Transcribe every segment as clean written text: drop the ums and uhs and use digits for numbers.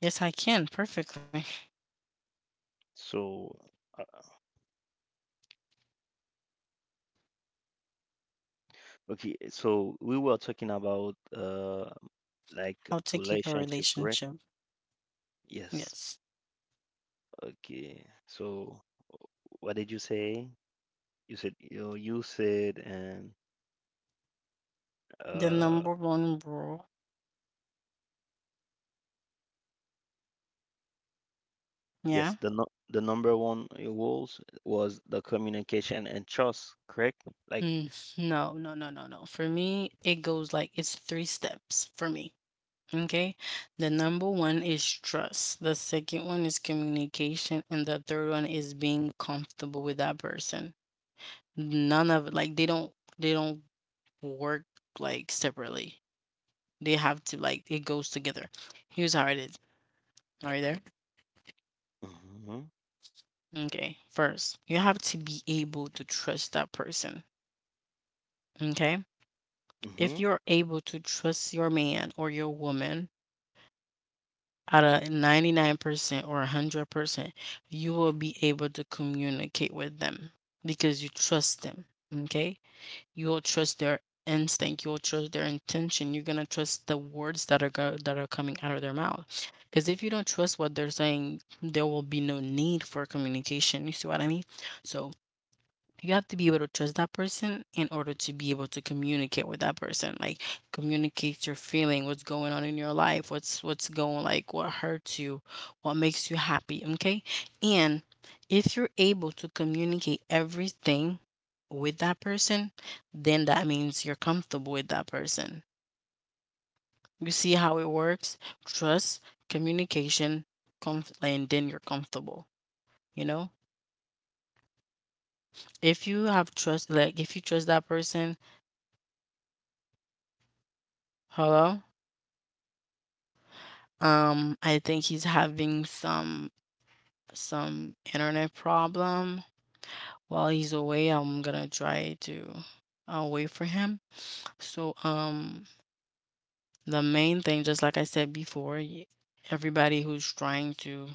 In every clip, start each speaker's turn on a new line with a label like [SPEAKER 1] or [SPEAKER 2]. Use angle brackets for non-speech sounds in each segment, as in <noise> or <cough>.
[SPEAKER 1] Yes, I can perfectly. How to keep a relationship. Yes. The number one rule. Yeah. No, no, no, no, no. For me, it goes like it's three steps for me. Okay. The number one is trust. The second one is communication. And the third one is being comfortable with that person. None of it, like they don't work like separately. They have to like, it goes together. Here's how it is. Are you there? Okay, first, you have to be able to trust that person. Okay? If you're able to trust your man or your woman at a 99% or 100%, you will be able to communicate with them because you trust them. Okay? You will trust their instinct, you will trust their intention, you're going to trust the words that that are coming out of their mouth. Because if you don't trust what they're saying, there will be no need for communication. You see what I mean? So, you have to be able to trust that person in order to be able to communicate with that person, like communicate your feeling, what's going on in your life, what's going like what hurts you, what makes you happy. Okay. And if you're able to communicate everything with that person, then that means you're comfortable with that person. You see how it works? Trust, communication, and then you're comfortable, you know, if you have trust, like if you trust that person. Hello? I think he's having some internet problem. While he's away, I'm gonna try to wait for him. So, the main thing, just like I said before, everybody who's trying to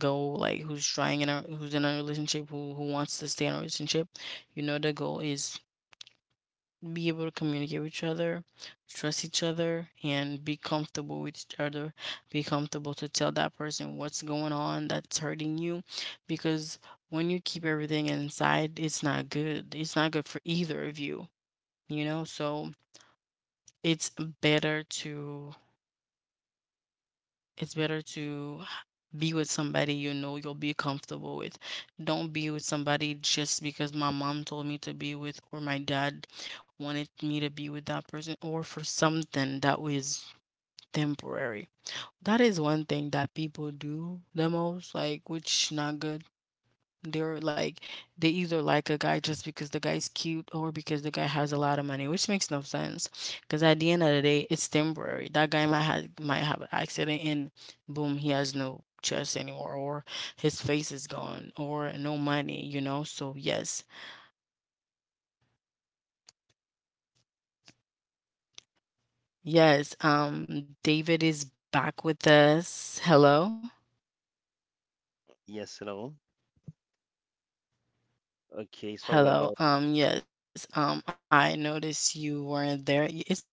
[SPEAKER 1] go, like who's trying in a who's in a relationship, who wants to stay in a relationship, you know, the goal is be able to communicate with each other, trust each other, and be comfortable with each other. Be comfortable to tell that person what's going on that's hurting you, because when you keep everything inside, it's not good. It's not good for either of you, you know? So it's better to It's better to be with somebody you know you'll be comfortable with. Don't be with somebody just because my mom told me to be with, or my dad wanted me to be with that person, or for something that was temporary. That is one thing that people do the most, like, which not good. They're like they either like a guy just because the guy's cute or because the guy has a lot of money, which makes no sense. Because at the end of the day, it's temporary. That guy might have an accident and boom, he has no chest anymore, or his face is gone, or no money. You know. So yes, yes. David is back with us. Hello,
[SPEAKER 2] Yes, hello. Okay, sorry
[SPEAKER 1] hello.
[SPEAKER 2] about.
[SPEAKER 1] Yes. I noticed you weren't there. It's okay.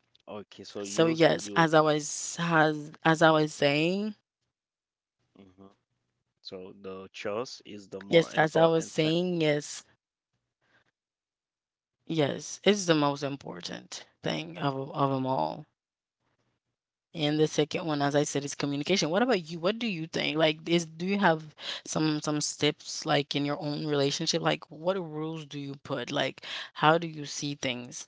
[SPEAKER 2] Okay,
[SPEAKER 1] So
[SPEAKER 2] so
[SPEAKER 1] yes,
[SPEAKER 2] use
[SPEAKER 1] as I
[SPEAKER 2] you.
[SPEAKER 1] was as as I was saying,
[SPEAKER 2] hmm So the choice is the more
[SPEAKER 1] yes, as I
[SPEAKER 2] important
[SPEAKER 1] was
[SPEAKER 2] thing.
[SPEAKER 1] saying, yes, yes, it's the most important thing of them all. And the second one, as I said, is communication. What about you? What do you think? Like, is do you have some steps like in your own relationship? Like, what rules do you put? Like, how do you see things?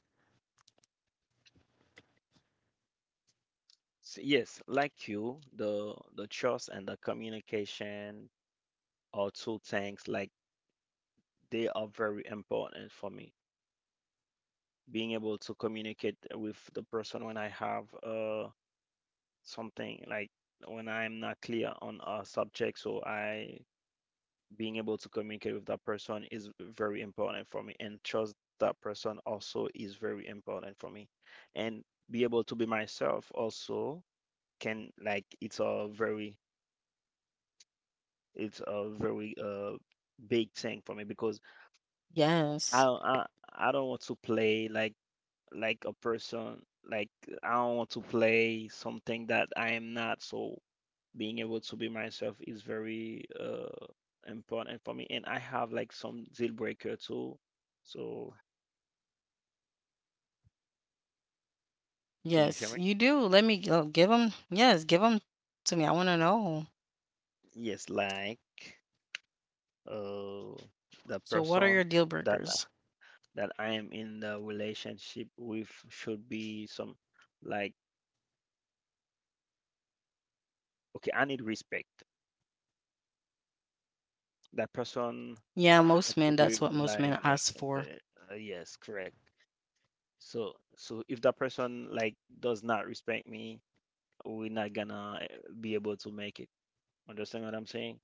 [SPEAKER 2] Yes, like you, the trust and the communication are two things like they are very important for me. Being able to communicate with the person when I have something like when I'm not clear on a subject, so I being able to communicate with that person is very important for me and trust that person also is very important for me and be able to be myself also can like it's a very it's a very uh big thing for me because I
[SPEAKER 1] Yes,
[SPEAKER 2] I, I don't want to play like a person like I don't want to play something that I am not so being able to be myself is very important for me. And I have like some deal breaker too. So can you hear
[SPEAKER 1] yes,
[SPEAKER 2] me?
[SPEAKER 1] you do. Let me give them. Yes, give them to me. I want to know.
[SPEAKER 2] Yes, like uh, the
[SPEAKER 1] So, what are
[SPEAKER 2] person
[SPEAKER 1] your deal
[SPEAKER 2] that
[SPEAKER 1] breakers?
[SPEAKER 2] that I am in the relationship with should be some like okay, I need respect. That person
[SPEAKER 1] Yeah,
[SPEAKER 2] has
[SPEAKER 1] most
[SPEAKER 2] to
[SPEAKER 1] men. That's
[SPEAKER 2] be
[SPEAKER 1] what most
[SPEAKER 2] like
[SPEAKER 1] men ask
[SPEAKER 2] uh,
[SPEAKER 1] for.
[SPEAKER 2] yes, correct. So if that person like does not respect me, we're not gonna be able to make it. Understand what I'm saying?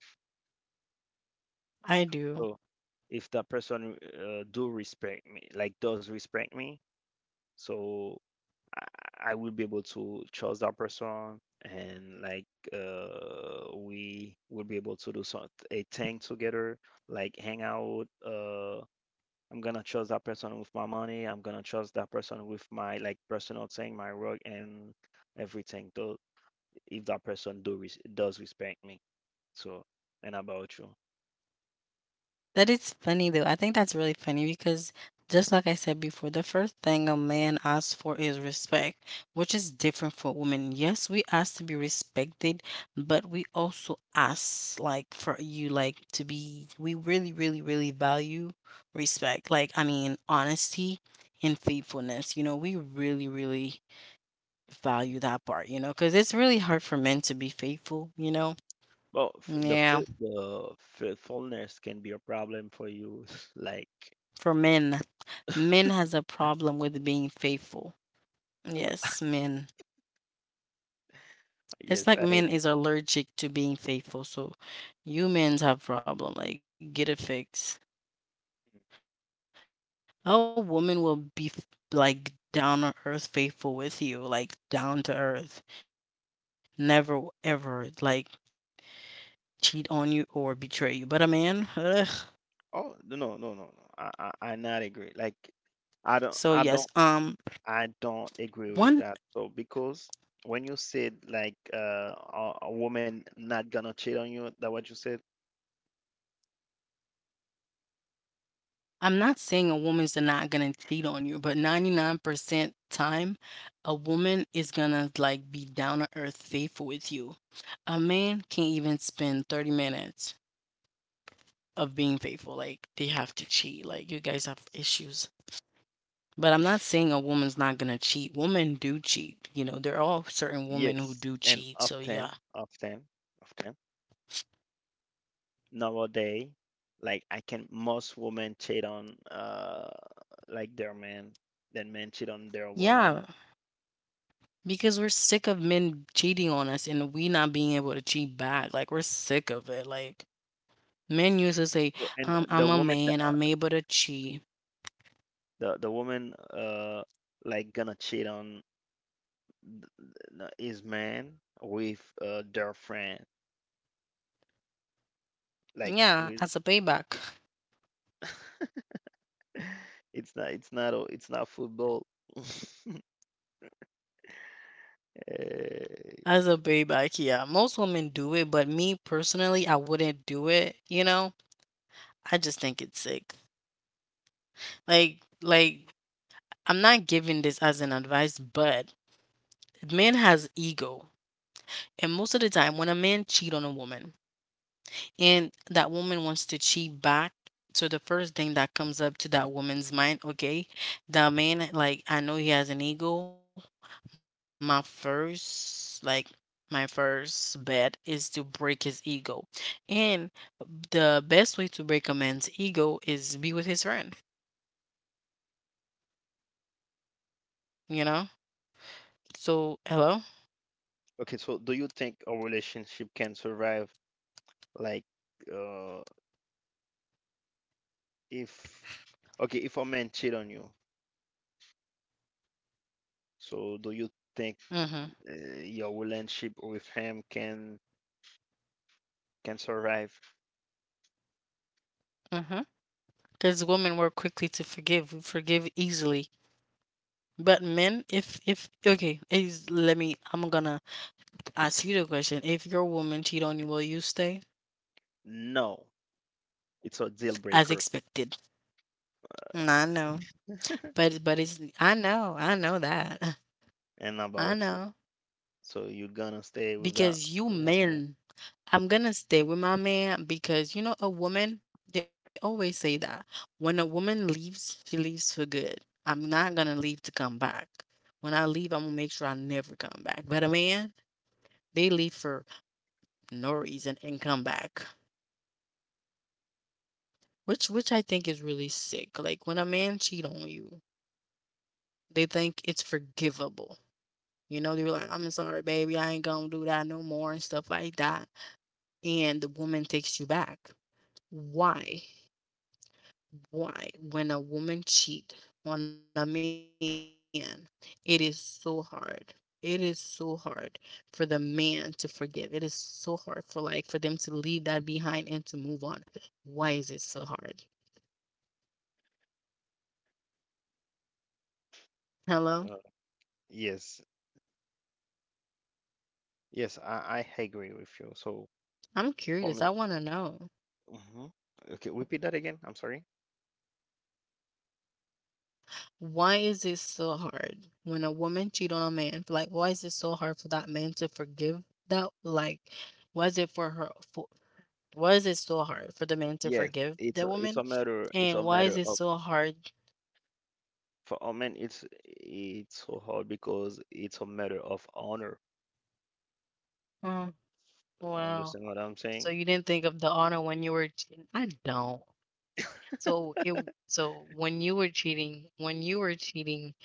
[SPEAKER 1] I do.
[SPEAKER 2] So if that person do respect me, like does respect me, so I will be able to trust that person, and like we will be able to do some a thing together, like hang out. I'm gonna trust that person with my money. I'm gonna trust that person with my like personal thing, my work, and everything. Though if that person does respect me, so and about you?
[SPEAKER 1] That is funny though. I think that's really funny because just like I said before, the first thing a man asks for is respect, which is different for women. Yes, we ask to be respected, but we also ask like for you like to be we really, really, really value respect. Like I mean honesty and faithfulness. You know, we really, really value that part, you know, because it's really hard for men to be faithful, you know?
[SPEAKER 2] Well, f- the
[SPEAKER 1] Yeah.
[SPEAKER 2] fi- the faithfulness can be a problem for you. <laughs> Like,
[SPEAKER 1] For men, men
[SPEAKER 2] <laughs>
[SPEAKER 1] has a problem with being faithful. Yes, men. It's
[SPEAKER 2] yes,
[SPEAKER 1] like
[SPEAKER 2] I agree.
[SPEAKER 1] men is allergic to being faithful. So you men have problem. Like get it fixed. A woman will be like down to earth faithful with you, like down to earth. Never ever like cheat on you or betray you. But a man, ugh.
[SPEAKER 2] Oh, no, no, no, no, no. I not agree. Like, I don't,
[SPEAKER 1] So
[SPEAKER 2] I
[SPEAKER 1] yes,
[SPEAKER 2] don't, I don't agree with
[SPEAKER 1] one.
[SPEAKER 2] that. So because when you said like a woman not gonna cheat on you, that what you said?
[SPEAKER 1] I'm not saying a woman's not gonna cheat on you, but 99% time, a woman is gonna, like, be down to earth faithful with you. A man can't even spend 30 minutes of being faithful, like, they have to cheat, like, you guys have issues. But I'm not saying a woman's not gonna cheat. Women do cheat, you know, there
[SPEAKER 2] Yes,
[SPEAKER 1] are
[SPEAKER 2] and
[SPEAKER 1] certain women who do cheat, so yeah.
[SPEAKER 2] often nowadays, like I can most women cheat on like their man, then men cheat on their woman.
[SPEAKER 1] Yeah, because we're sick of men cheating on us and we not being able to cheat back, like, we're sick of it, like
[SPEAKER 2] So, and the woman
[SPEAKER 1] men
[SPEAKER 2] that
[SPEAKER 1] used to say, I'm a man, I'm able to
[SPEAKER 2] the
[SPEAKER 1] cheat.
[SPEAKER 2] woman like gonna cheat on th- his man with their friend like with
[SPEAKER 1] Yeah, as a
[SPEAKER 2] <laughs>
[SPEAKER 1] payback.
[SPEAKER 2] it's not football. <laughs> Eh,
[SPEAKER 1] As a payback, yeah. Most women do it, but me personally, I wouldn't do it, you know? I just think it's sick. Like like I'm not giving this as an advice, but man has ego. And most of the time when a man cheat on a woman, and that woman wants to cheat back. So the first thing that comes up to that woman's mind, okay, that man, like, I know he has an ego. My first, like, my first bet is to break his ego. And the best way to break a man's ego is be with his friend, you know? So, hello?
[SPEAKER 2] okay, so do you think a relationship can survive like uh if okay if a man cheat on you? So do you think
[SPEAKER 1] Mm hmm.
[SPEAKER 2] your relationship with him can survive?
[SPEAKER 1] Mm hmm. Because women were quickly to forgive, we forgive easily. But men, if, okay, is, let me, I'm gonna ask you the question: if your woman cheat on you, will you stay?
[SPEAKER 2] No, it's a deal
[SPEAKER 1] As
[SPEAKER 2] breaker
[SPEAKER 1] expected. I know,
[SPEAKER 2] <laughs>
[SPEAKER 1] but it's I know that,
[SPEAKER 2] and
[SPEAKER 1] <laughs> I
[SPEAKER 2] about you.
[SPEAKER 1] know
[SPEAKER 2] So you're gonna stay with that.
[SPEAKER 1] because you
[SPEAKER 2] Uh,
[SPEAKER 1] men. I'm gonna stay with my man because you know a woman. They always say that when a woman leaves, she leaves for good. I'm not gonna leave to come back. When I leave, I'm gonna make sure I never come back. But a man, they leave for no reason and come back, which I think is really sick. Like when a man cheat on you, they think it's forgivable. You know, they were like, I'm sorry, baby, I ain't gonna do that no more and stuff like that. And the woman takes you back. Why? Why? When a woman cheat on a man, it is so hard. It is so hard for the man to forgive. It is so hard for like for them to leave that behind and to move on. Why is it so hard? Hello?
[SPEAKER 2] uh, yes, yes, I agree with you. So
[SPEAKER 1] I'm curious. I wanna
[SPEAKER 2] for me,
[SPEAKER 1] know.
[SPEAKER 2] hmm okay, repeat that again. I'm sorry.
[SPEAKER 1] Why is it so hard when a woman cheat on a man? Like, why is it so hard for that man to forgive that? Like, why is it for her? For, why is it so hard for the man to
[SPEAKER 2] Yes,
[SPEAKER 1] forgive the woman?
[SPEAKER 2] it's
[SPEAKER 1] And
[SPEAKER 2] a
[SPEAKER 1] why is
[SPEAKER 2] matter
[SPEAKER 1] it
[SPEAKER 2] of
[SPEAKER 1] so hard?
[SPEAKER 2] for a man it's so hard because it's a matter of honor.
[SPEAKER 1] Mm, wow.
[SPEAKER 2] Understand what I'm
[SPEAKER 1] So
[SPEAKER 2] saying?
[SPEAKER 1] you didn't think of the honor when you were cheating? I don't.
[SPEAKER 2] <laughs>
[SPEAKER 1] So it. So when you were cheating, when you were cheating,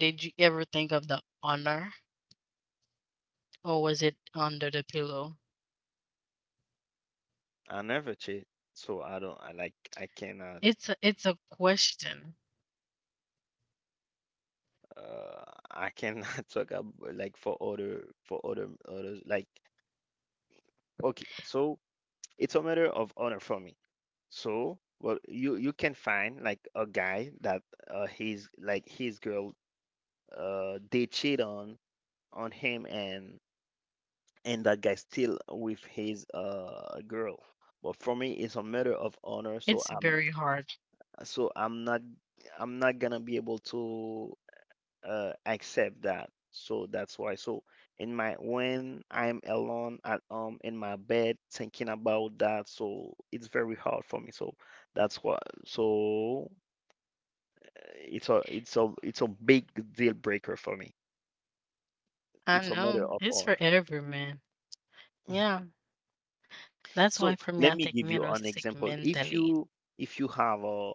[SPEAKER 1] did you ever think of the honor, or was it under the pillow?
[SPEAKER 2] I never cheat, so I don't. I like. I cannot.
[SPEAKER 1] It's a question.
[SPEAKER 2] Uh, I cannot <laughs> talk about like for other others. Like okay, so it's a matter of honor for me. So, well, you can find like a guy that his like his girl they cheat on him and that guy still with his girl. But for me, it's a matter of honor.
[SPEAKER 1] It's very hard.
[SPEAKER 2] So I'm not gonna be able to accept that. So that's why. So in my when I'm alone at home in my bed thinking about that, so it's very hard for me. So that's why. So it's a big deal breaker for me.
[SPEAKER 1] I
[SPEAKER 2] It's a matter
[SPEAKER 1] know.
[SPEAKER 2] of
[SPEAKER 1] It's for
[SPEAKER 2] honor.
[SPEAKER 1] every man. Yeah. That's why for me, I
[SPEAKER 2] So
[SPEAKER 1] think
[SPEAKER 2] let
[SPEAKER 1] men
[SPEAKER 2] me
[SPEAKER 1] are
[SPEAKER 2] give you
[SPEAKER 1] sick
[SPEAKER 2] an example.
[SPEAKER 1] mentally.
[SPEAKER 2] If you have a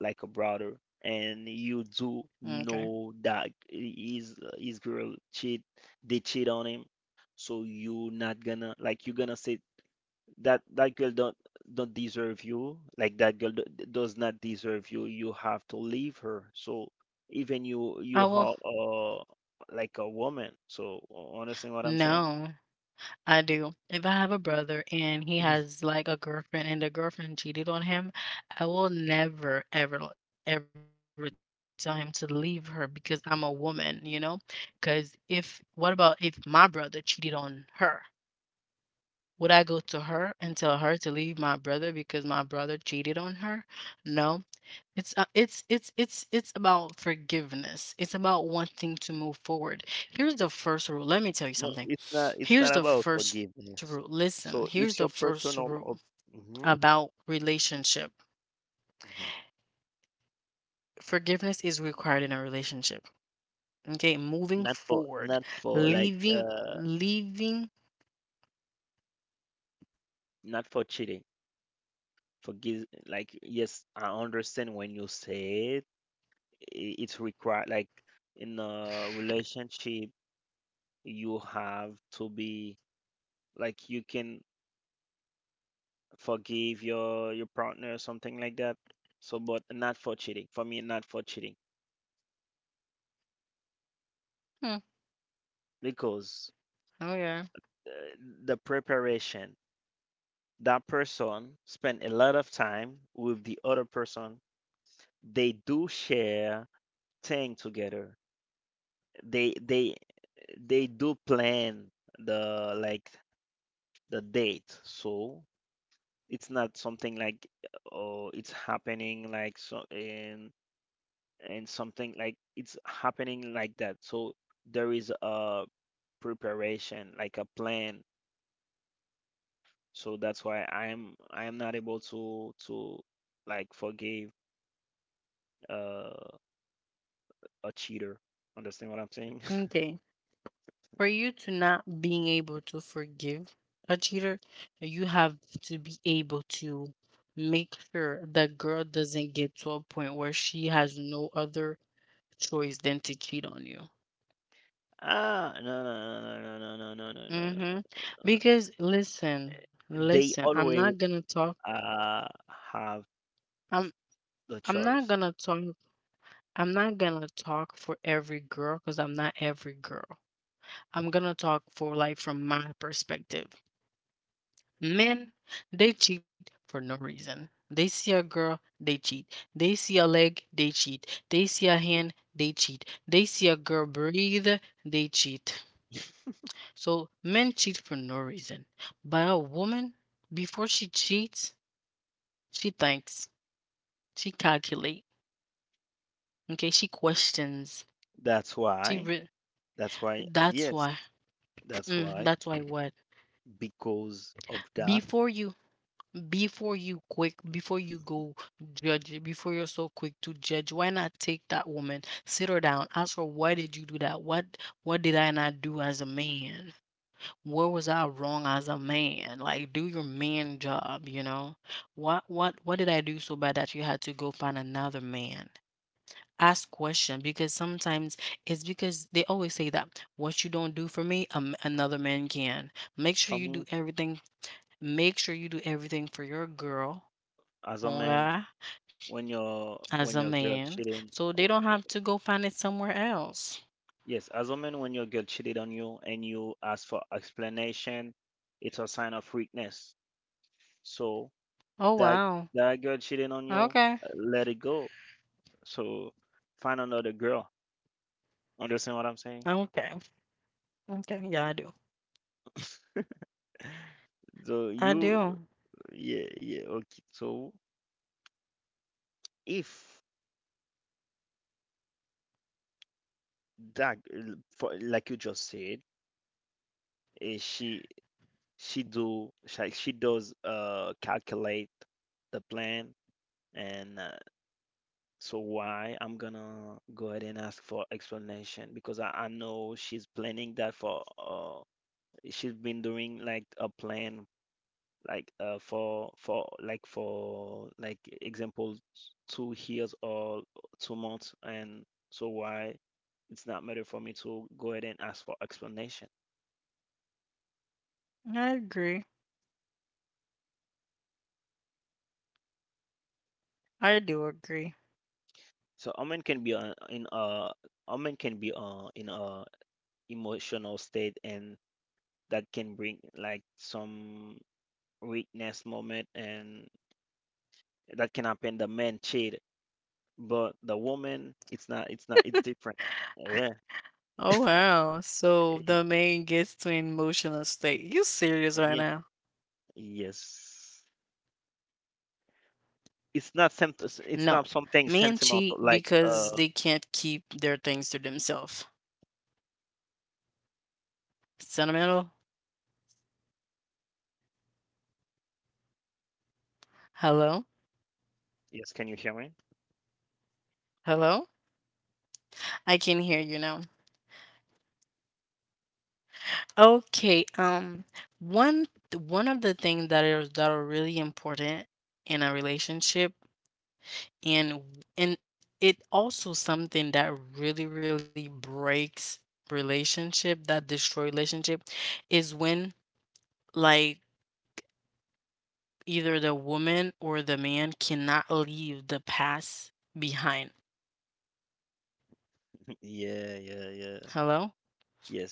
[SPEAKER 2] a brother, and you do
[SPEAKER 1] Okay.
[SPEAKER 2] know that his girl cheat, they cheat on him, so you not gonna like you gonna say that that girl don't deserve you, like that girl does not deserve you. You have to leave her. So even you
[SPEAKER 1] I
[SPEAKER 2] you
[SPEAKER 1] will.
[SPEAKER 2] are like a woman. So understand what I'm saying?
[SPEAKER 1] No, I do. If I have a brother and he
[SPEAKER 2] Mhm.
[SPEAKER 1] has like a girlfriend and the girlfriend cheated on him, I will never, ever, ever tell him to leave her because I'm a woman, you know? Because if, what about if my brother cheated on her? Would I go to her and tell her to leave my brother because my brother cheated on her? No, it's it's it's about forgiveness. It's about wanting to move forward. Here's the first rule. Let me tell you something.
[SPEAKER 2] No, it's not.
[SPEAKER 1] Here's
[SPEAKER 2] It's
[SPEAKER 1] the
[SPEAKER 2] not about
[SPEAKER 1] first rule.
[SPEAKER 2] forgiveness.
[SPEAKER 1] Listen, here's the
[SPEAKER 2] So
[SPEAKER 1] first
[SPEAKER 2] it's your
[SPEAKER 1] rule
[SPEAKER 2] personal.
[SPEAKER 1] about
[SPEAKER 2] Mhm.
[SPEAKER 1] relationship. Forgiveness is required in a relationship. Okay, moving forward,
[SPEAKER 2] Not for like
[SPEAKER 1] leaving leaving.
[SPEAKER 2] not for cheating for giz like yes I understand when you say it it's required like in a relationship you have to be like you can forgive your partner or something like that so but not for cheating for me not for cheating
[SPEAKER 1] Hmm,
[SPEAKER 2] because
[SPEAKER 1] oh yeah.
[SPEAKER 2] uh, the preparation that person spent a lot of time with the other person they do share thing together they they they do plan the like the date so it's not something like oh it's happening like so in and something like it's happening like that so there is a preparation like a plan so that's why I am not able to like forgive uh, a cheater understand what I'm saying
[SPEAKER 1] Okay. For you to not being able to forgive a cheater, you have to be able to make sure that girl doesn't get to a point where she has no other choice than to cheat on you.
[SPEAKER 2] <laughs> ah, no, no, no, no, no, no, no, no, no, no,
[SPEAKER 1] Mm-hmm.
[SPEAKER 2] no, no,
[SPEAKER 1] Because listen,
[SPEAKER 2] They
[SPEAKER 1] listen, I'm not
[SPEAKER 2] always
[SPEAKER 1] gonna talk.
[SPEAKER 2] uh, have
[SPEAKER 1] I'm
[SPEAKER 2] the
[SPEAKER 1] I'm not
[SPEAKER 2] choice.
[SPEAKER 1] gonna talk. I'm not gonna talk for every girl because I'm not every girl. I'm gonna talk for like from my perspective. Men, they cheat for no reason. They see a girl, they cheat. They see a leg, they cheat. They see a hand, they cheat. They see a girl breathe, they cheat. So men cheat for no reason. But a woman, before she cheats, she thinks, she calculates. Okay, she questions.
[SPEAKER 2] That's
[SPEAKER 1] She
[SPEAKER 2] why.
[SPEAKER 1] re-
[SPEAKER 2] That's why.
[SPEAKER 1] that's
[SPEAKER 2] Yes,
[SPEAKER 1] why.
[SPEAKER 2] that's why.
[SPEAKER 1] That's why what?
[SPEAKER 2] Because of that,
[SPEAKER 1] Before you before you quick before you
[SPEAKER 2] mhm.
[SPEAKER 1] go judge, before you're so quick to judge, why not take that woman, sit her down, ask her, "Why did you do that? What did I not do as a man? Where was I wrong as a man?" Like, do your man job, you know? What what did I do so bad that you had to go find another man? Ask question because sometimes it's because they always say that what you don't do for me, another man can. Make sure
[SPEAKER 2] For
[SPEAKER 1] you do
[SPEAKER 2] me,
[SPEAKER 1] everything. Make sure you do everything for your girl,
[SPEAKER 2] as a man,
[SPEAKER 1] hunger,
[SPEAKER 2] when your
[SPEAKER 1] as a
[SPEAKER 2] girl
[SPEAKER 1] man,
[SPEAKER 2] cheating,
[SPEAKER 1] so they don't
[SPEAKER 2] wh-
[SPEAKER 1] have to go find it somewhere else.
[SPEAKER 2] yes, as a man, when your girl cheated on you and you ask for explanation, it's a sign of weakness. So
[SPEAKER 1] Oh
[SPEAKER 2] that
[SPEAKER 1] wow.
[SPEAKER 2] that girl cheating on you,
[SPEAKER 1] Okay.
[SPEAKER 2] let it go. So find another girl. Understand what I'm saying?
[SPEAKER 1] Okay. Okay, yeah, I do.
[SPEAKER 2] <laughs> So
[SPEAKER 1] I
[SPEAKER 2] you
[SPEAKER 1] do.
[SPEAKER 2] Yeah, yeah, okay. So if that, for, like you just said, eh, she she does calculate the plan, and so why I'm gonna go ahead and ask for explanation because I know she's planning that for she's been doing like a plan like for like example 2 years or 2 months and so why it's not matter for me to go ahead and ask for explanation.
[SPEAKER 1] I agree. I do agree.
[SPEAKER 2] So Omen can be in a Omen can be in a emotional state and that can bring like some weakness moment and that can happen the man cheat but the woman it's not it's not it's different, yeah,
[SPEAKER 1] Oh wow. So the man gets to an emotional state? You serious right
[SPEAKER 2] yeah.
[SPEAKER 1] now?
[SPEAKER 2] Yes. It's
[SPEAKER 1] No.
[SPEAKER 2] not sem
[SPEAKER 1] Men
[SPEAKER 2] it's not
[SPEAKER 1] cheat
[SPEAKER 2] something
[SPEAKER 1] because
[SPEAKER 2] sentimental,
[SPEAKER 1] they
[SPEAKER 2] like,
[SPEAKER 1] can't keep their things to themselves. Sentimental? Hello?
[SPEAKER 2] yes, can you hear me?
[SPEAKER 1] Hello? I can hear you now. Okay. One one of the things that are really important in a relationship, and and it also something that really really breaks relationship, that destroy relationship, is when, like, either the woman or the man cannot leave the past behind.
[SPEAKER 2] <laughs> Yeah, yeah, yeah.
[SPEAKER 1] Hello.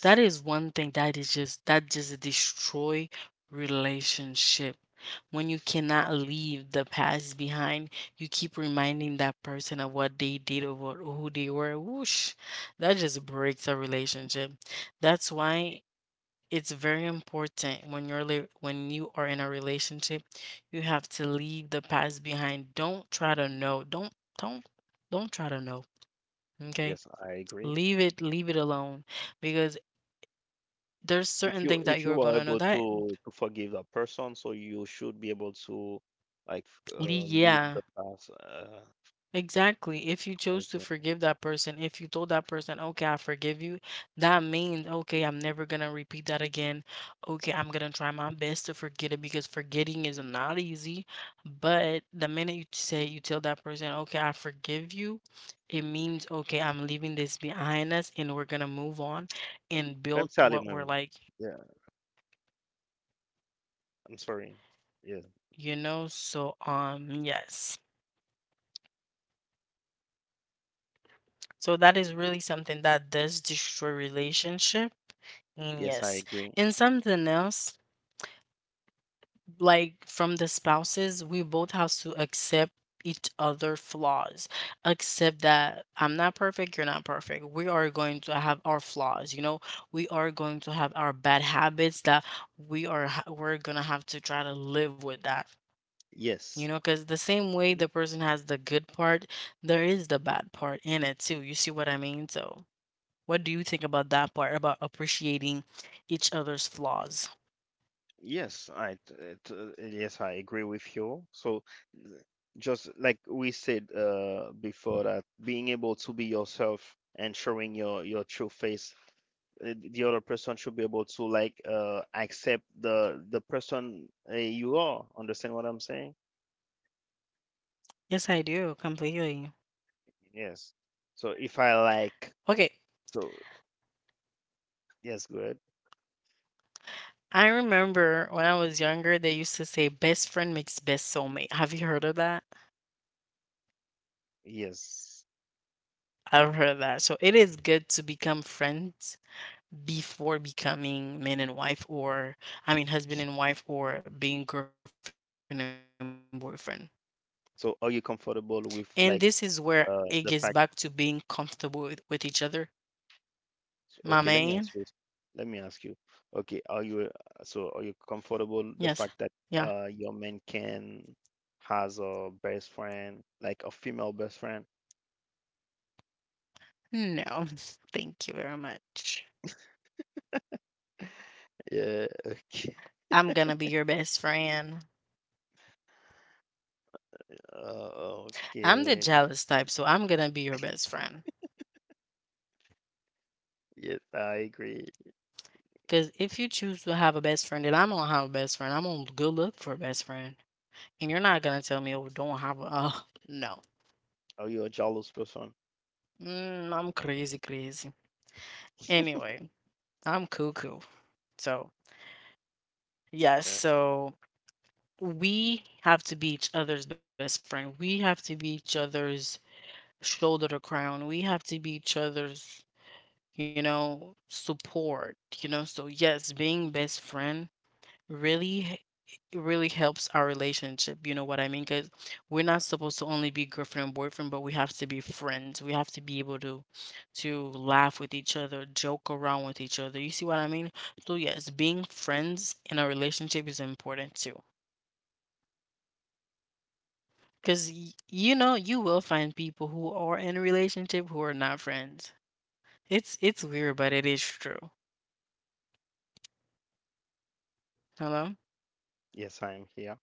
[SPEAKER 1] That is one thing that is just that just destroy relationship. When you cannot leave the past behind, you keep reminding that person of what they did or what, who they were. Whoosh, that just breaks a relationship. That's
[SPEAKER 2] Y
[SPEAKER 1] why it's very important when when you are in a relationship, you have to leave the past behind. Don't try to know. Don't don't try to know. Okay?
[SPEAKER 2] yes, I agree.
[SPEAKER 1] Leave it alone, because there's
[SPEAKER 2] If
[SPEAKER 1] certain
[SPEAKER 2] you
[SPEAKER 1] things that
[SPEAKER 2] if
[SPEAKER 1] you're
[SPEAKER 2] you are
[SPEAKER 1] gonna know
[SPEAKER 2] able
[SPEAKER 1] that
[SPEAKER 2] to forgive that person, so you should be able to, like, f
[SPEAKER 1] le
[SPEAKER 2] leave
[SPEAKER 1] yeah,
[SPEAKER 2] the past,
[SPEAKER 1] exactly. If you chose to
[SPEAKER 2] okay.
[SPEAKER 1] forgive that person, if you told that person, "Okay, I forgive you," that means, "Okay, I'm never gonna repeat that again. Okay, I'm gonna try my best to forget it," because forgetting is not easy. But the minute you say you tell that person, "Okay, I forgive you," it means, "Okay, I'm leaving this behind us and we're gonna move on and build
[SPEAKER 2] Pemsali,
[SPEAKER 1] what
[SPEAKER 2] my
[SPEAKER 1] we're
[SPEAKER 2] man.
[SPEAKER 1] like."
[SPEAKER 2] Yeah, I'm sorry. Yeah.
[SPEAKER 1] You know? So, yes. So that is really something that does destroy relationship. And
[SPEAKER 2] Yes, I
[SPEAKER 1] yes,
[SPEAKER 2] agree.
[SPEAKER 1] and something else, like, from the spouses, we both have to accept each other flaws. Accept that I'm not perfect, you're not perfect. We are going to have our flaws, you know. We are going to have our bad habits that we're gonna have to try to live with that. You
[SPEAKER 2] Yes.
[SPEAKER 1] know, because the same way the person has the good part, there is the bad part in it too. You see what I mean? So. What do you think about that part about appreciating each other's flaws?
[SPEAKER 2] Yes, yes, I agree with you. So, th- just like we said before, that being able to be yourself and showing your true face, the other person should be able to like accept the person you are. Understand what I'm saying?
[SPEAKER 1] Yes, I do completely.
[SPEAKER 2] Yes. So if I like,
[SPEAKER 1] Okay,
[SPEAKER 2] so yes, good.
[SPEAKER 1] I remember when I was younger, they used to say best friend makes best soulmate. Have you heard of that?
[SPEAKER 2] Yes.
[SPEAKER 1] I've heard of that. So it is good to become friends before becoming man and wife, or I mean, husband and wife, or being girlfriend and boyfriend.
[SPEAKER 2] So
[SPEAKER 1] And
[SPEAKER 2] are
[SPEAKER 1] this
[SPEAKER 2] you
[SPEAKER 1] is where
[SPEAKER 2] comfortable
[SPEAKER 1] it
[SPEAKER 2] with
[SPEAKER 1] gets
[SPEAKER 2] like
[SPEAKER 1] back to being
[SPEAKER 2] the
[SPEAKER 1] comfortable
[SPEAKER 2] fact?
[SPEAKER 1] with each other. My man,
[SPEAKER 2] So, okay, let me ask you. Let me ask you. Okay, are you
[SPEAKER 1] yes,
[SPEAKER 2] comfortable the fact
[SPEAKER 1] yeah.
[SPEAKER 2] that your man can has a best friend, like a female best friend?
[SPEAKER 1] No, <laughs> thank you very much.
[SPEAKER 2] Yeah, okay. <laughs>
[SPEAKER 1] I'm gonna be your best friend. I'm the
[SPEAKER 2] Okay.
[SPEAKER 1] jealous type, so I'm gonna be your best friend.
[SPEAKER 2] Yes, I agree.
[SPEAKER 1] Cause if you choose to have a best friend, then I'm gonna have a best friend. I'm gonna go look for a best friend, and you're not gonna tell me, "Oh, don't have a." <laughs> Uh, no,
[SPEAKER 2] Are you a jealous person?
[SPEAKER 1] I'm crazy, crazy.
[SPEAKER 2] <laughs>
[SPEAKER 1] Anyway, I'm cuckoo. So yes,
[SPEAKER 2] Uh,
[SPEAKER 1] so we have to be each other's best friend. We have to be each other's shoulder to crown. We have to be each other's, you know, support, you know. So, yes, being best friend really h- really helps our relationship. You know what I mean? Because we're not supposed to only be girlfriend and boyfriend, but we have to be friends. We have to be able to laugh with each other, joke around with each other. You see what I mean? So, yes, being friends in a relationship is important too. Because, you know, you will find people who are in a relationship who are not friends. It's weird, but it is true. Hello?
[SPEAKER 2] yes, I am here.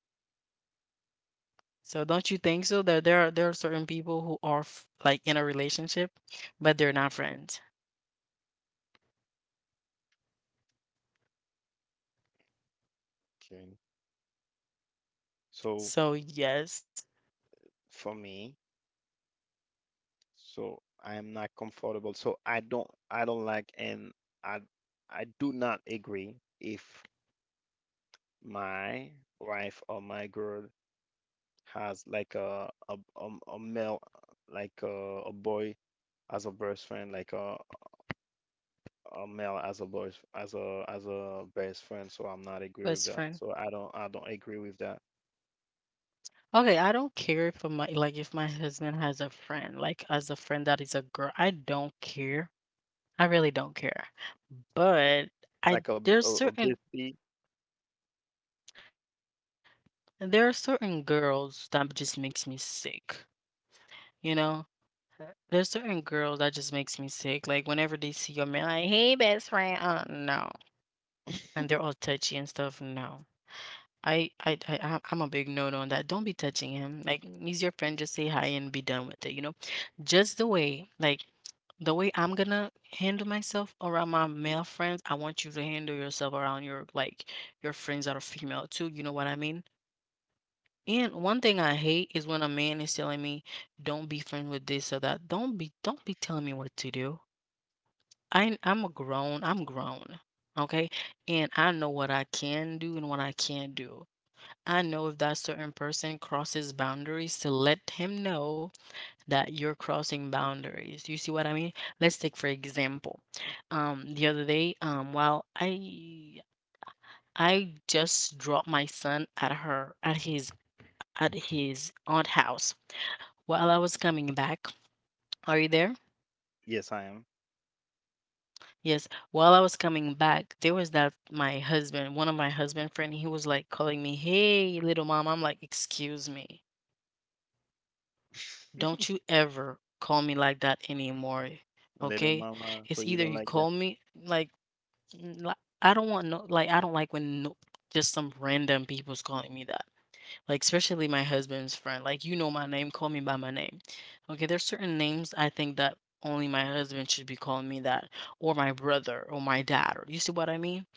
[SPEAKER 1] So don't you think so that there are certain people who are like in a relationship, but they're not friends.
[SPEAKER 2] Okay. So
[SPEAKER 1] So yes,
[SPEAKER 2] for me, so I am not comfortable. So I don't like and I I do not agree if my wife or my girl has like a male like a boy as a best friend like a male as a boy as a best friend so I'm not agree with
[SPEAKER 1] best
[SPEAKER 2] that
[SPEAKER 1] friend.
[SPEAKER 2] so I don't agree with that
[SPEAKER 1] Okay, I don't care if my, like, if my husband has a friend, like, as a friend that is a girl. I don't care. I really don't care. But I
[SPEAKER 2] like
[SPEAKER 1] there's
[SPEAKER 2] a
[SPEAKER 1] certain,
[SPEAKER 2] bestie.
[SPEAKER 1] there are certain girls that just makes me sick. You know, there's certain girls that just makes me sick. Like whenever they see your man, like, "Hey, best friend." No. And they're all touchy and stuff. No, I'm a big no no on that. Don't be touching him. Like, he's your friend. Just say hi and be done with it. You know, just the way, like, the way I'm gonna handle myself around my male friends, I want you to handle yourself around your, like, your friends that are female too. You know what I mean? And one thing I hate is when a man is telling me, "Don't be friends with this or that." Don't be telling me what to do. I I'm a grown I'm grown, okay? And I know what I can do and what I can't do. I know if that certain person crosses boundaries, to let him know that you're crossing boundaries. You see what I mean? Let's take for example. The other day, while I just dropped my son at her at his aunt house. While I was
[SPEAKER 2] Mhm.
[SPEAKER 1] coming back, are you there?
[SPEAKER 2] Yes, I am.
[SPEAKER 1] Yes, while I was coming back, there was that, my husband, one of my husband friend, he was like calling me, "Hey, little mom." I'm like, "Excuse me. Don't
[SPEAKER 2] <laughs>
[SPEAKER 1] you ever call me like that anymore."
[SPEAKER 2] Little
[SPEAKER 1] Okay?
[SPEAKER 2] mama, so
[SPEAKER 1] It's
[SPEAKER 2] you
[SPEAKER 1] either
[SPEAKER 2] don't
[SPEAKER 1] you
[SPEAKER 2] like that.
[SPEAKER 1] call me like n- li- I don't want no, like, I don't like when, no, just some random people's calling me that. Like, especially my husband's friend. Like, you know my name, call me by my name. Okay, there's certain names I think that only my husband should be calling me that, or my brother or my dad. Or, you see what I mean?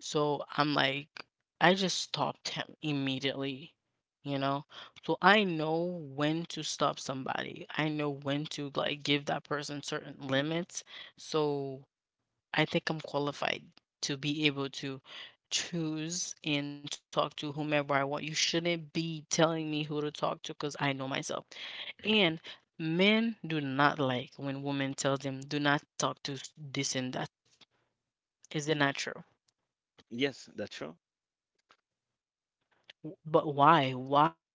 [SPEAKER 1] So I'm like, I just stopped him immediately, you know? So I know when to stop somebody. I know when to, like, give that person certain limits. So I think I'm qualified to be able to choose and talk to whomever I want. You shouldn't be telling me who to talk to because I know myself. And men do not like when women tell them, do not talk to this and that. Is it not true?
[SPEAKER 2] Yes, that's true.
[SPEAKER 1] But why? Why?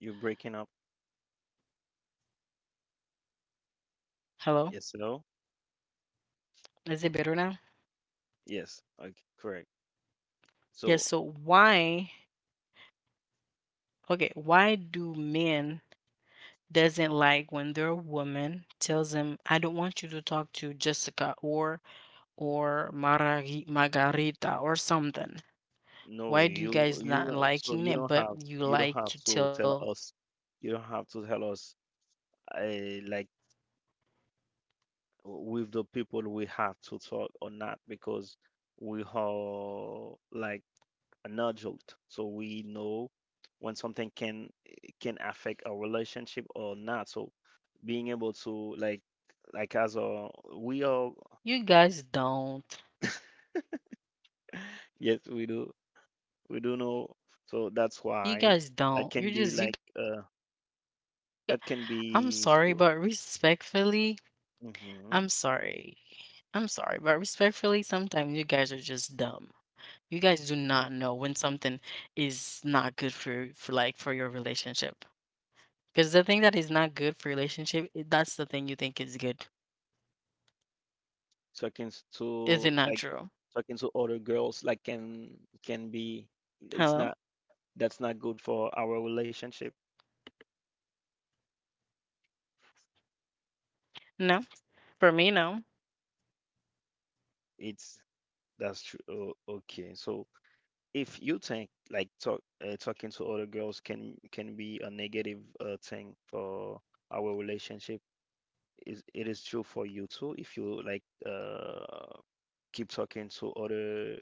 [SPEAKER 2] You're breaking up.
[SPEAKER 1] Hello?
[SPEAKER 2] Yes, hello.
[SPEAKER 1] Is it better now?
[SPEAKER 2] Yes, okay, correct.
[SPEAKER 1] Yes, so
[SPEAKER 2] So
[SPEAKER 1] why, okay, why do men doesn't like when their woman tells them, "I don't want you to talk to Jessica or Marari, Margarita or something."
[SPEAKER 2] no,
[SPEAKER 1] Why do you guys
[SPEAKER 2] you
[SPEAKER 1] not
[SPEAKER 2] don't. So
[SPEAKER 1] liking it, but you
[SPEAKER 2] you don't
[SPEAKER 1] like
[SPEAKER 2] have
[SPEAKER 1] to
[SPEAKER 2] to
[SPEAKER 1] tell,
[SPEAKER 2] tell us. You don't have to tell us like with the people we have to talk or not because we are like an adult, so we know when something can affect our relationship or not. So being able to like as a we are,
[SPEAKER 1] you guys don't.
[SPEAKER 2] yes, we do know. So that's
[SPEAKER 1] You
[SPEAKER 2] why
[SPEAKER 1] guys
[SPEAKER 2] that
[SPEAKER 1] don't.
[SPEAKER 2] can
[SPEAKER 1] You
[SPEAKER 2] be
[SPEAKER 1] just you
[SPEAKER 2] like
[SPEAKER 1] got,
[SPEAKER 2] uh
[SPEAKER 1] I'm sorry, but
[SPEAKER 2] that can be.
[SPEAKER 1] respectfully, I'm sorry.
[SPEAKER 2] Mhm.
[SPEAKER 1] I'm sorry, but respectfully, sometimes you guys are just dumb. You guys do not know when something is not good for your relationship. Because the thing that is not good for relationship, that's the thing you think is good.
[SPEAKER 2] Talking s-
[SPEAKER 1] Is
[SPEAKER 2] to
[SPEAKER 1] it not
[SPEAKER 2] like
[SPEAKER 1] true?
[SPEAKER 2] talking to other girls like can be, it's
[SPEAKER 1] Hello?
[SPEAKER 2] not that's not good for our relationship.
[SPEAKER 1] No? For me, no.
[SPEAKER 2] It's That's true. Oh, okay. So if you think like talking to other girls can be a negative thing for our relationship, is it is true for you too if you like uh keep talking to other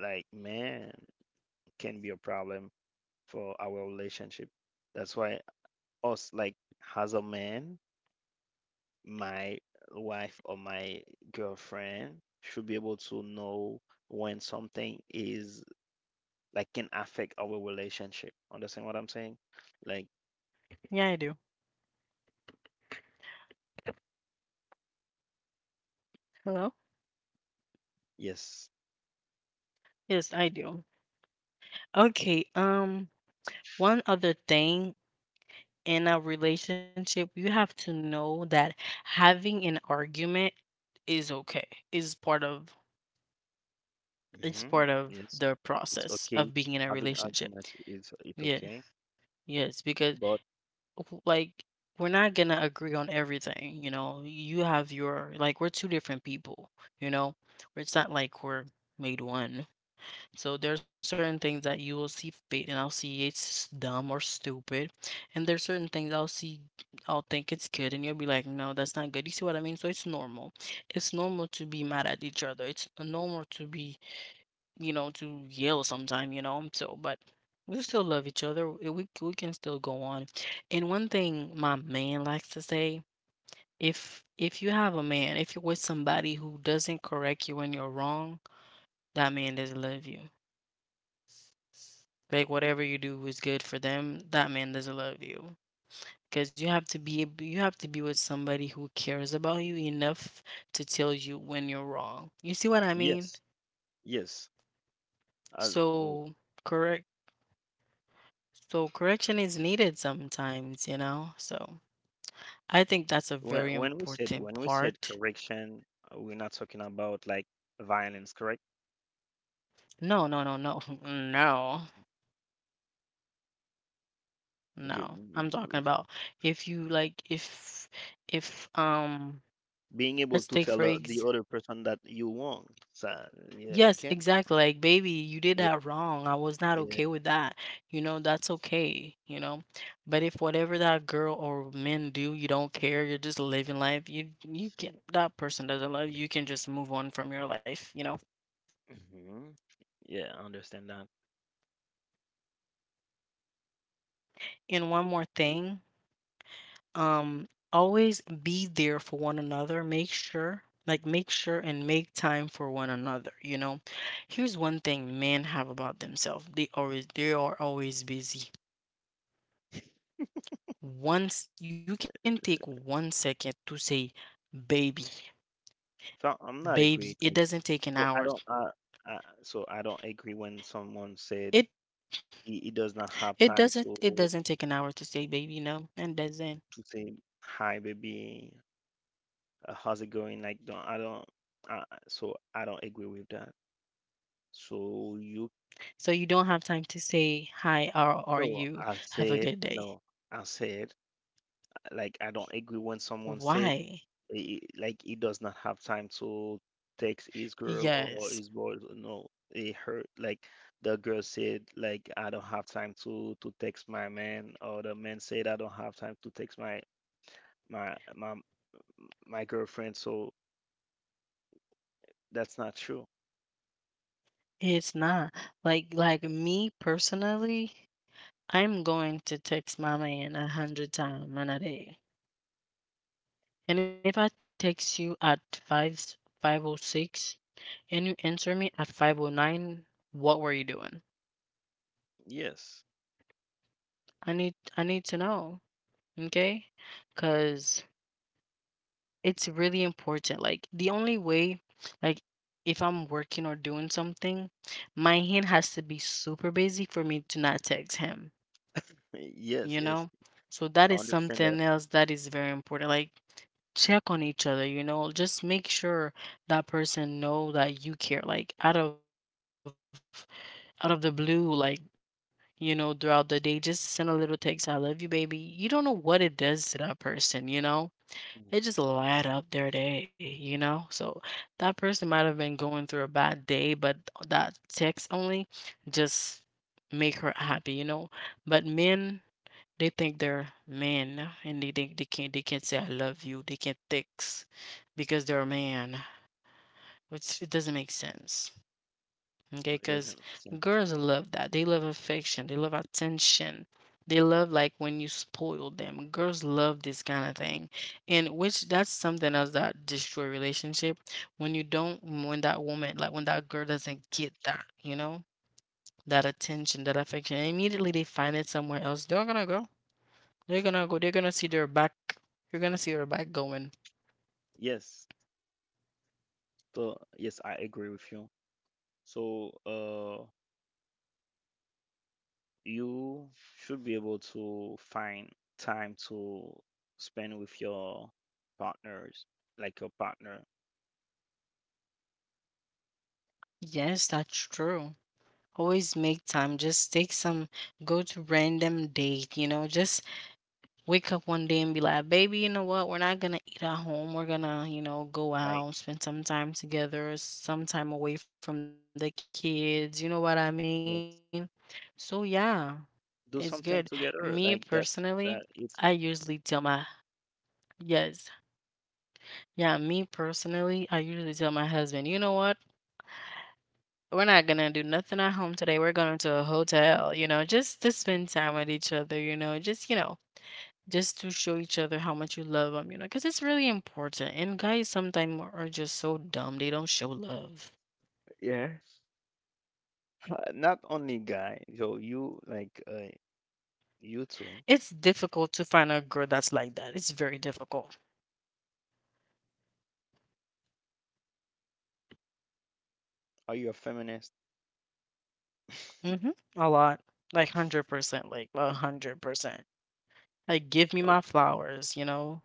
[SPEAKER 2] like man can be a problem for our relationship. That's why us like as a man, my wife or my girlfriend should be able to know when something is like can affect our relationship. Understand what I'm saying? Like,
[SPEAKER 1] Yeah, I do. Hello?
[SPEAKER 2] yes,
[SPEAKER 1] Yes, I do. Okay, one other thing in a relationship, you have to know that having an argument is okay. Is part of is part of
[SPEAKER 2] yes,
[SPEAKER 1] the
[SPEAKER 2] it's
[SPEAKER 1] process
[SPEAKER 2] okay.
[SPEAKER 1] of being in a
[SPEAKER 2] Having
[SPEAKER 1] relationship.
[SPEAKER 2] argument is it's
[SPEAKER 1] Yeah.
[SPEAKER 2] okay,
[SPEAKER 1] Yes, because
[SPEAKER 2] but
[SPEAKER 1] like, we're not gonna agree on everything, you know. You have your, like, we're two different people, you know, it's not like we're made one. So there are certain things that you will see fit and I'll see it's dumb or stupid, and there's certain things I'll see, I'll think it's good and you'll be like, no, that's not good. You see what I mean? So it's normal, it's normal to be mad at each other, it's normal to be, you know, to yell sometime, you know. So, but we still love each other. We can still go on. And one thing my man likes to say, if you have a man, if you're with somebody who doesn't correct you when you're wrong, that man doesn't love you. Like, whatever you do is good for them, that man doesn't love you. Because you have to you have to be with somebody who cares about you enough to tell you when you're wrong. You see what I mean?
[SPEAKER 2] yes, yes. As w-
[SPEAKER 1] So correct So correction is needed sometimes, you know? So I think that's a
[SPEAKER 2] when
[SPEAKER 1] very
[SPEAKER 2] when we said
[SPEAKER 1] important
[SPEAKER 2] when we said
[SPEAKER 1] part.
[SPEAKER 2] correction, we're not talking about like violence, correct?
[SPEAKER 1] No, no, no, no. <laughs> No.
[SPEAKER 2] Okay,
[SPEAKER 1] No. I'm talking about if you like if
[SPEAKER 2] being able
[SPEAKER 1] let's
[SPEAKER 2] to
[SPEAKER 1] take
[SPEAKER 2] tell
[SPEAKER 1] for
[SPEAKER 2] the
[SPEAKER 1] ex
[SPEAKER 2] other person that you want. So yeah,
[SPEAKER 1] yes,
[SPEAKER 2] okay,
[SPEAKER 1] exactly. Like baby, you did
[SPEAKER 2] yeah,
[SPEAKER 1] that wrong. I was not
[SPEAKER 2] yeah,
[SPEAKER 1] okay with that. You know, that's okay, you know? But if whatever that girl or men do, you don't care, you're just living life, you can that person doesn't love you, you can just move on from your life, you know?
[SPEAKER 2] hmm yeah. I understand that.
[SPEAKER 1] And one more thing, always be there for one another. Make sure, like, make sure and make time for one another. You know, here's one thing men have about themselves. They are always busy. Once you can take one second to say, baby,
[SPEAKER 2] So I'm not agree.
[SPEAKER 1] baby. It doesn't
[SPEAKER 2] So
[SPEAKER 1] take
[SPEAKER 2] I
[SPEAKER 1] an
[SPEAKER 2] don't.
[SPEAKER 1] hour.
[SPEAKER 2] Uh, so I don't
[SPEAKER 1] It
[SPEAKER 2] agree when someone said
[SPEAKER 1] it doesn't it doesn't
[SPEAKER 2] he
[SPEAKER 1] take
[SPEAKER 2] does
[SPEAKER 1] an
[SPEAKER 2] not
[SPEAKER 1] hour to
[SPEAKER 2] have
[SPEAKER 1] say
[SPEAKER 2] time
[SPEAKER 1] baby,
[SPEAKER 2] to
[SPEAKER 1] no. And doesn't.
[SPEAKER 2] to say hi, baby. How's it going? Like, don't I don't. So I don't agree with that. So you
[SPEAKER 1] So you don't have time to say hi, how are
[SPEAKER 2] No,
[SPEAKER 1] you?
[SPEAKER 2] I
[SPEAKER 1] Have a
[SPEAKER 2] said
[SPEAKER 1] good
[SPEAKER 2] no.
[SPEAKER 1] day.
[SPEAKER 2] I said like I don't agree when someone said
[SPEAKER 1] Why?
[SPEAKER 2] like he does not have time to text his girl or his boy.
[SPEAKER 1] Yes,
[SPEAKER 2] No, it hurt. Like the girl said, like I don't have time to text my man, or the man said I don't have time to text my my my girlfriend. So that's not true.
[SPEAKER 1] it's not. Like me personally, I'm going to text my man 100 times in a day. And if I text you at five 5:06 and you answer me at 5:09, what were you doing?
[SPEAKER 2] Yes,
[SPEAKER 1] I need to know. Okay? Cause it's really important. Like the only way, like if I'm working or doing something, my hand has to be super busy for me to not text him,
[SPEAKER 2] <laughs> yes,
[SPEAKER 1] you
[SPEAKER 2] yes.
[SPEAKER 1] know? So that
[SPEAKER 2] I
[SPEAKER 1] is
[SPEAKER 2] understand that.
[SPEAKER 1] something else that is very important. Like check on each other, you know? Just make sure that person know that you care. Like out of the blue, like, you know, throughout the day, just send a little text, I love you, baby. You don't know what it does to that person, you know?
[SPEAKER 2] Mhm.
[SPEAKER 1] It just light up their day, you know? So that person might have been going through a bad day, but that text only just make her happy, you know? But men, they think they're men and they think they can't say I love you. They can't text because they're a man, which it doesn't make sense.
[SPEAKER 2] No,
[SPEAKER 1] Okay,
[SPEAKER 2] it doesn't
[SPEAKER 1] because
[SPEAKER 2] make sense.
[SPEAKER 1] girls love that. They love affection. They love attention. They love like when you spoil them. Girls love this kind of thing, and which that's something else that destroy relationship. When you don't, when that woman, like when that girl doesn't get that, you know, that attention, that affection, immediately they find it somewhere else. They're gonna go. They're gonna go. They're gonna see their back. You're gonna see their back going.
[SPEAKER 2] Yes. So yes, I agree with you. So uh. You should be able to find time to spend with your partners, like your partner.
[SPEAKER 1] Yes, that's true. Always make time. Just take some, go to random date, you know, just wake up one day and be like, baby, you know what? We're not gonna eat at home. We're gonna, you know, go
[SPEAKER 2] Like,
[SPEAKER 1] out, spend some time together, some time away from the kids. You know what I mean?
[SPEAKER 2] yes,
[SPEAKER 1] So yeah, it's good.
[SPEAKER 2] do something
[SPEAKER 1] Me
[SPEAKER 2] together. Like, that's
[SPEAKER 1] personally,
[SPEAKER 2] that
[SPEAKER 1] I
[SPEAKER 2] it's
[SPEAKER 1] usually tell my, yes, yeah, me personally, I usually tell my husband, you know what? We're not gonna do nothing at home today. We're going to a hotel, you know, just to spend time with each other, you know, just to show each other how much you love them, you know, because it's really important. And guys sometimes are just so dumb, they don't show love.
[SPEAKER 2] Yeah. <laughs> Not only guy, so you like you two,
[SPEAKER 1] It's difficult to find a girl that's like that. It's very difficult.
[SPEAKER 2] are you a feminist? <laughs>
[SPEAKER 1] Mm-hmm. A lot. Like 100%, like a 100%. Like, give me
[SPEAKER 2] Ok-
[SPEAKER 1] my flowers, you know?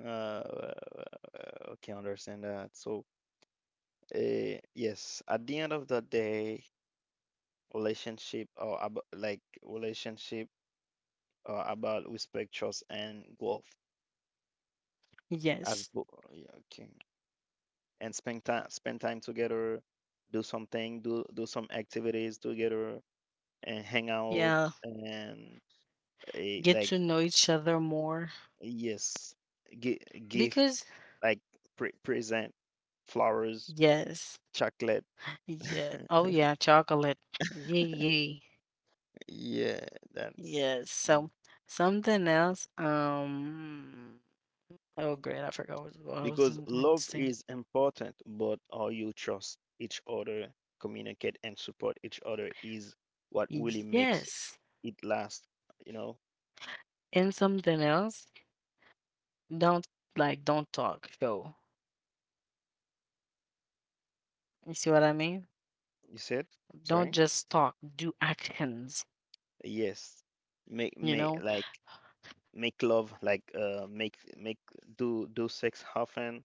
[SPEAKER 2] Okay, understand that. So, yes, at the end of the day, relationship or ab like relationship about respect, trust, and growth. as
[SPEAKER 1] Yes.
[SPEAKER 2] bo- yeah, okay. And spend time together, do something, do some activities together, and hang out
[SPEAKER 1] Yeah.
[SPEAKER 2] and eh,
[SPEAKER 1] Get
[SPEAKER 2] like
[SPEAKER 1] to know each other more
[SPEAKER 2] yes, gi- gift,
[SPEAKER 1] because,
[SPEAKER 2] like present flowers,
[SPEAKER 1] yes.
[SPEAKER 2] chocolate.
[SPEAKER 1] Yeah.
[SPEAKER 2] <laughs>
[SPEAKER 1] Oh, yeah, chocolate. Yeah, yeah.
[SPEAKER 2] Yeah, that's
[SPEAKER 1] Yes. So
[SPEAKER 2] Mm.
[SPEAKER 1] something else. Oh, great. I forgot what I was
[SPEAKER 2] Because
[SPEAKER 1] going to
[SPEAKER 2] love
[SPEAKER 1] say.
[SPEAKER 2] is important, but how you trust each other, communicate, and support each other is what really makes
[SPEAKER 1] Yes.
[SPEAKER 2] it lasts, you know.
[SPEAKER 1] And something else. Don't like. Don't talk. Go. You see what I mean?
[SPEAKER 2] You said
[SPEAKER 1] Don't
[SPEAKER 2] sorry,
[SPEAKER 1] just talk. Do actions.
[SPEAKER 2] yes. make
[SPEAKER 1] You
[SPEAKER 2] make
[SPEAKER 1] know.
[SPEAKER 2] like Make love, like make make do do sex often,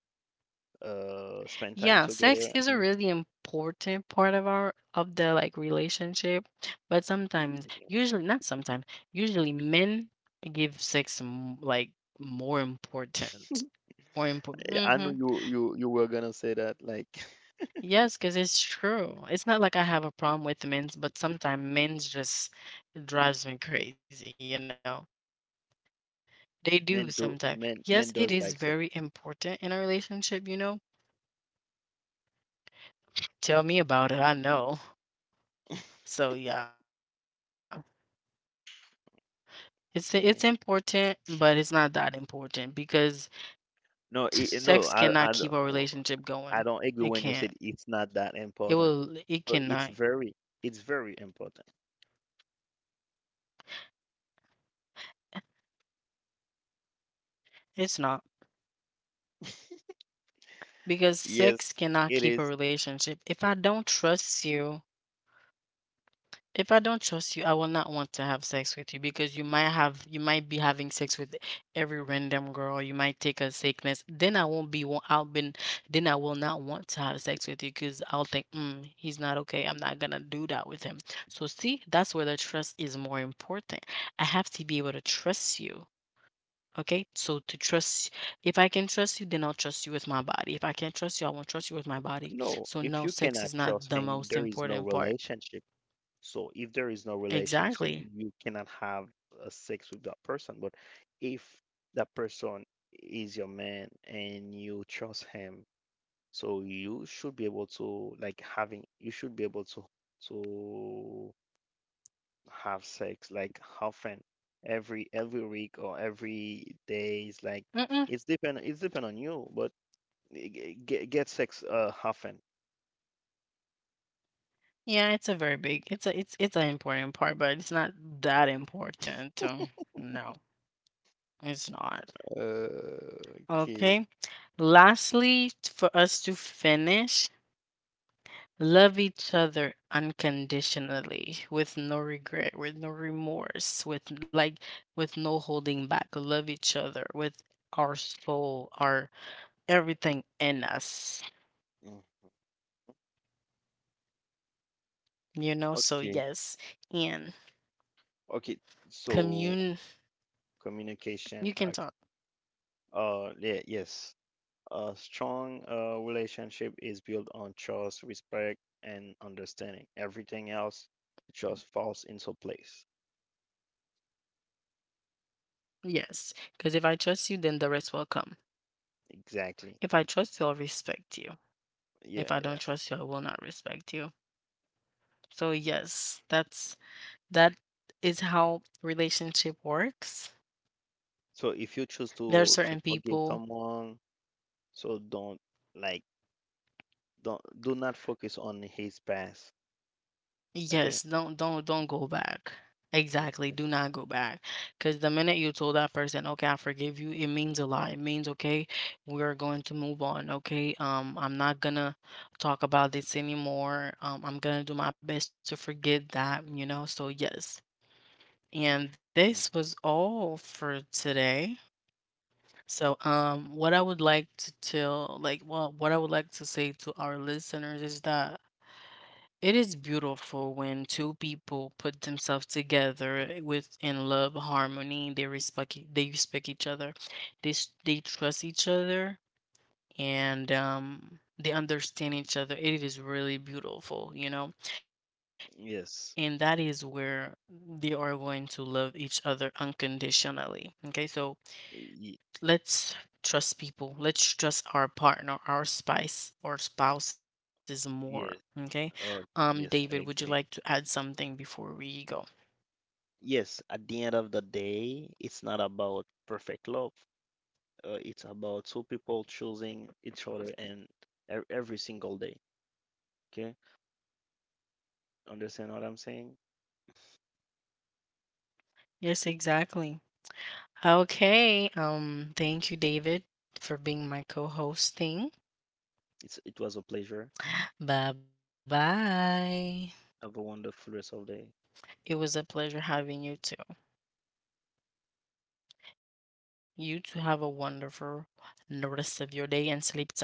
[SPEAKER 2] spend time
[SPEAKER 1] Yeah,
[SPEAKER 2] together
[SPEAKER 1] sex is a
[SPEAKER 2] and
[SPEAKER 1] really important part of our of the like relationship, but sometimes, usually not sometimes, usually men give sex m- like more important.
[SPEAKER 2] <laughs>
[SPEAKER 1] More important.
[SPEAKER 2] I knew
[SPEAKER 1] Hmm.
[SPEAKER 2] you were gonna say that, like. <laughs>
[SPEAKER 1] Yes, because it's true. It's not like I have a problem with men's, but sometimes men's just drives me crazy, you know. They do
[SPEAKER 2] Men do,
[SPEAKER 1] sometimes.
[SPEAKER 2] men
[SPEAKER 1] Yes, it
[SPEAKER 2] does
[SPEAKER 1] is
[SPEAKER 2] like sex.
[SPEAKER 1] very important in a relationship, you know. Tell me about it. I know. <laughs> So yeah. It's important, but
[SPEAKER 2] Yeah,
[SPEAKER 1] it's not that important because sex cannot keep a
[SPEAKER 2] no, i
[SPEAKER 1] relationship
[SPEAKER 2] i
[SPEAKER 1] going.
[SPEAKER 2] don't,
[SPEAKER 1] It can't.
[SPEAKER 2] I don't agree when you said
[SPEAKER 1] It
[SPEAKER 2] it's not
[SPEAKER 1] will.
[SPEAKER 2] that
[SPEAKER 1] It
[SPEAKER 2] important.
[SPEAKER 1] cannot.
[SPEAKER 2] So it's very, it's very important,
[SPEAKER 1] It's not, because
[SPEAKER 2] yes
[SPEAKER 1] sex cannot
[SPEAKER 2] it
[SPEAKER 1] keep a
[SPEAKER 2] is.
[SPEAKER 1] relationship. If I don't trust you, I will not want to have sex with you because you might be having sex with every random girl. You might take a sickness. Then I won't be wa- I'll been then I will not want to have sex with you because I'll think, mm, he's not okay. I'm not gonna do that with him. So see, that's where the trust is more important. I have to be able to trust you. Okay, so to trust, if I can trust you, then I'll trust you with my body. If I can't trust you, I won't trust you with my body.
[SPEAKER 2] No,
[SPEAKER 1] So
[SPEAKER 2] if
[SPEAKER 1] no,
[SPEAKER 2] you
[SPEAKER 1] sex
[SPEAKER 2] cannot
[SPEAKER 1] is not
[SPEAKER 2] trust
[SPEAKER 1] the
[SPEAKER 2] him,
[SPEAKER 1] most
[SPEAKER 2] there is no
[SPEAKER 1] important part.
[SPEAKER 2] relationship. So if there is no relationship,
[SPEAKER 1] Exactly.
[SPEAKER 2] you cannot have a sex with that person. But if that person is your man and you trust him, so you should be able to like having you should be able to have sex, like, often. Every week or every day is like
[SPEAKER 1] Mm-mm.
[SPEAKER 2] it's depend, on you, but get sex often.
[SPEAKER 1] Yeah, it's a very big. It's a it's it's an important part, but it's not that important. So no, it's not.
[SPEAKER 2] Uh, okay.
[SPEAKER 1] Okay. Lastly, for us to finish, love each other unconditionally with no regret, with no remorse, with like with no holding back. Love each other with our soul, our everything in us.
[SPEAKER 2] Mm,
[SPEAKER 1] You know, so
[SPEAKER 2] okay.
[SPEAKER 1] yes, and
[SPEAKER 2] Okay. So
[SPEAKER 1] commune
[SPEAKER 2] communication.
[SPEAKER 1] you can
[SPEAKER 2] Okay.
[SPEAKER 1] talk.
[SPEAKER 2] Yeah, yes. A strong relationship is built on trust, respect, and understanding. Everything else just falls into place.
[SPEAKER 1] Yes, because if I trust you, then the rest will come.
[SPEAKER 2] Exactly.
[SPEAKER 1] If I trust you, I'll respect you.
[SPEAKER 2] Yeah,
[SPEAKER 1] If I
[SPEAKER 2] yeah.
[SPEAKER 1] don't trust you, I will not respect you. So yes, that's, that is how relationship works.
[SPEAKER 2] So if you choose
[SPEAKER 1] There are
[SPEAKER 2] to
[SPEAKER 1] certain
[SPEAKER 2] forgive
[SPEAKER 1] people.
[SPEAKER 2] someone, so don't, like, don't, do not focus on his past. Okay.
[SPEAKER 1] Yes, don't go back.
[SPEAKER 2] Like,
[SPEAKER 1] Exactly, do not go back. Because the minute you told that person, okay, I forgive you, it means a lot. It means, okay, we're going to move on. Okay, I'm not gonna talk about this anymore. I'm gonna do my best to forget that, you know. So yes. And this was all for today. So, what I would like to tell, like, well, what I would like to say to our listeners is that it is beautiful when two people put themselves together with in love, harmony. They respect each other. They trust each other and they understand each other. It is really beautiful, you know. And that
[SPEAKER 2] yes.
[SPEAKER 1] is where they are going to love each other unconditionally. Okay? So
[SPEAKER 2] Y- y-
[SPEAKER 1] let's trust people. Let's trust our partner, our spice, or spouses more.
[SPEAKER 2] yeah.
[SPEAKER 1] Okay.
[SPEAKER 2] Uh, yes, I
[SPEAKER 1] David, would you
[SPEAKER 2] agree.
[SPEAKER 1] like to add something before we go?
[SPEAKER 2] Yes, at the end of the day, it's not about perfect love. It's about two people choosing each other and every single day. Okay? Understand what I'm saying?
[SPEAKER 1] Yes, exactly. Okay. Thank you, David, for being my co-hosting.
[SPEAKER 2] It's it was a pleasure.
[SPEAKER 1] Bye bye.
[SPEAKER 2] Have a wonderful rest of the day.
[SPEAKER 1] It was a pleasure having you too. You two have a wonderful the rest of your day and sleep tight.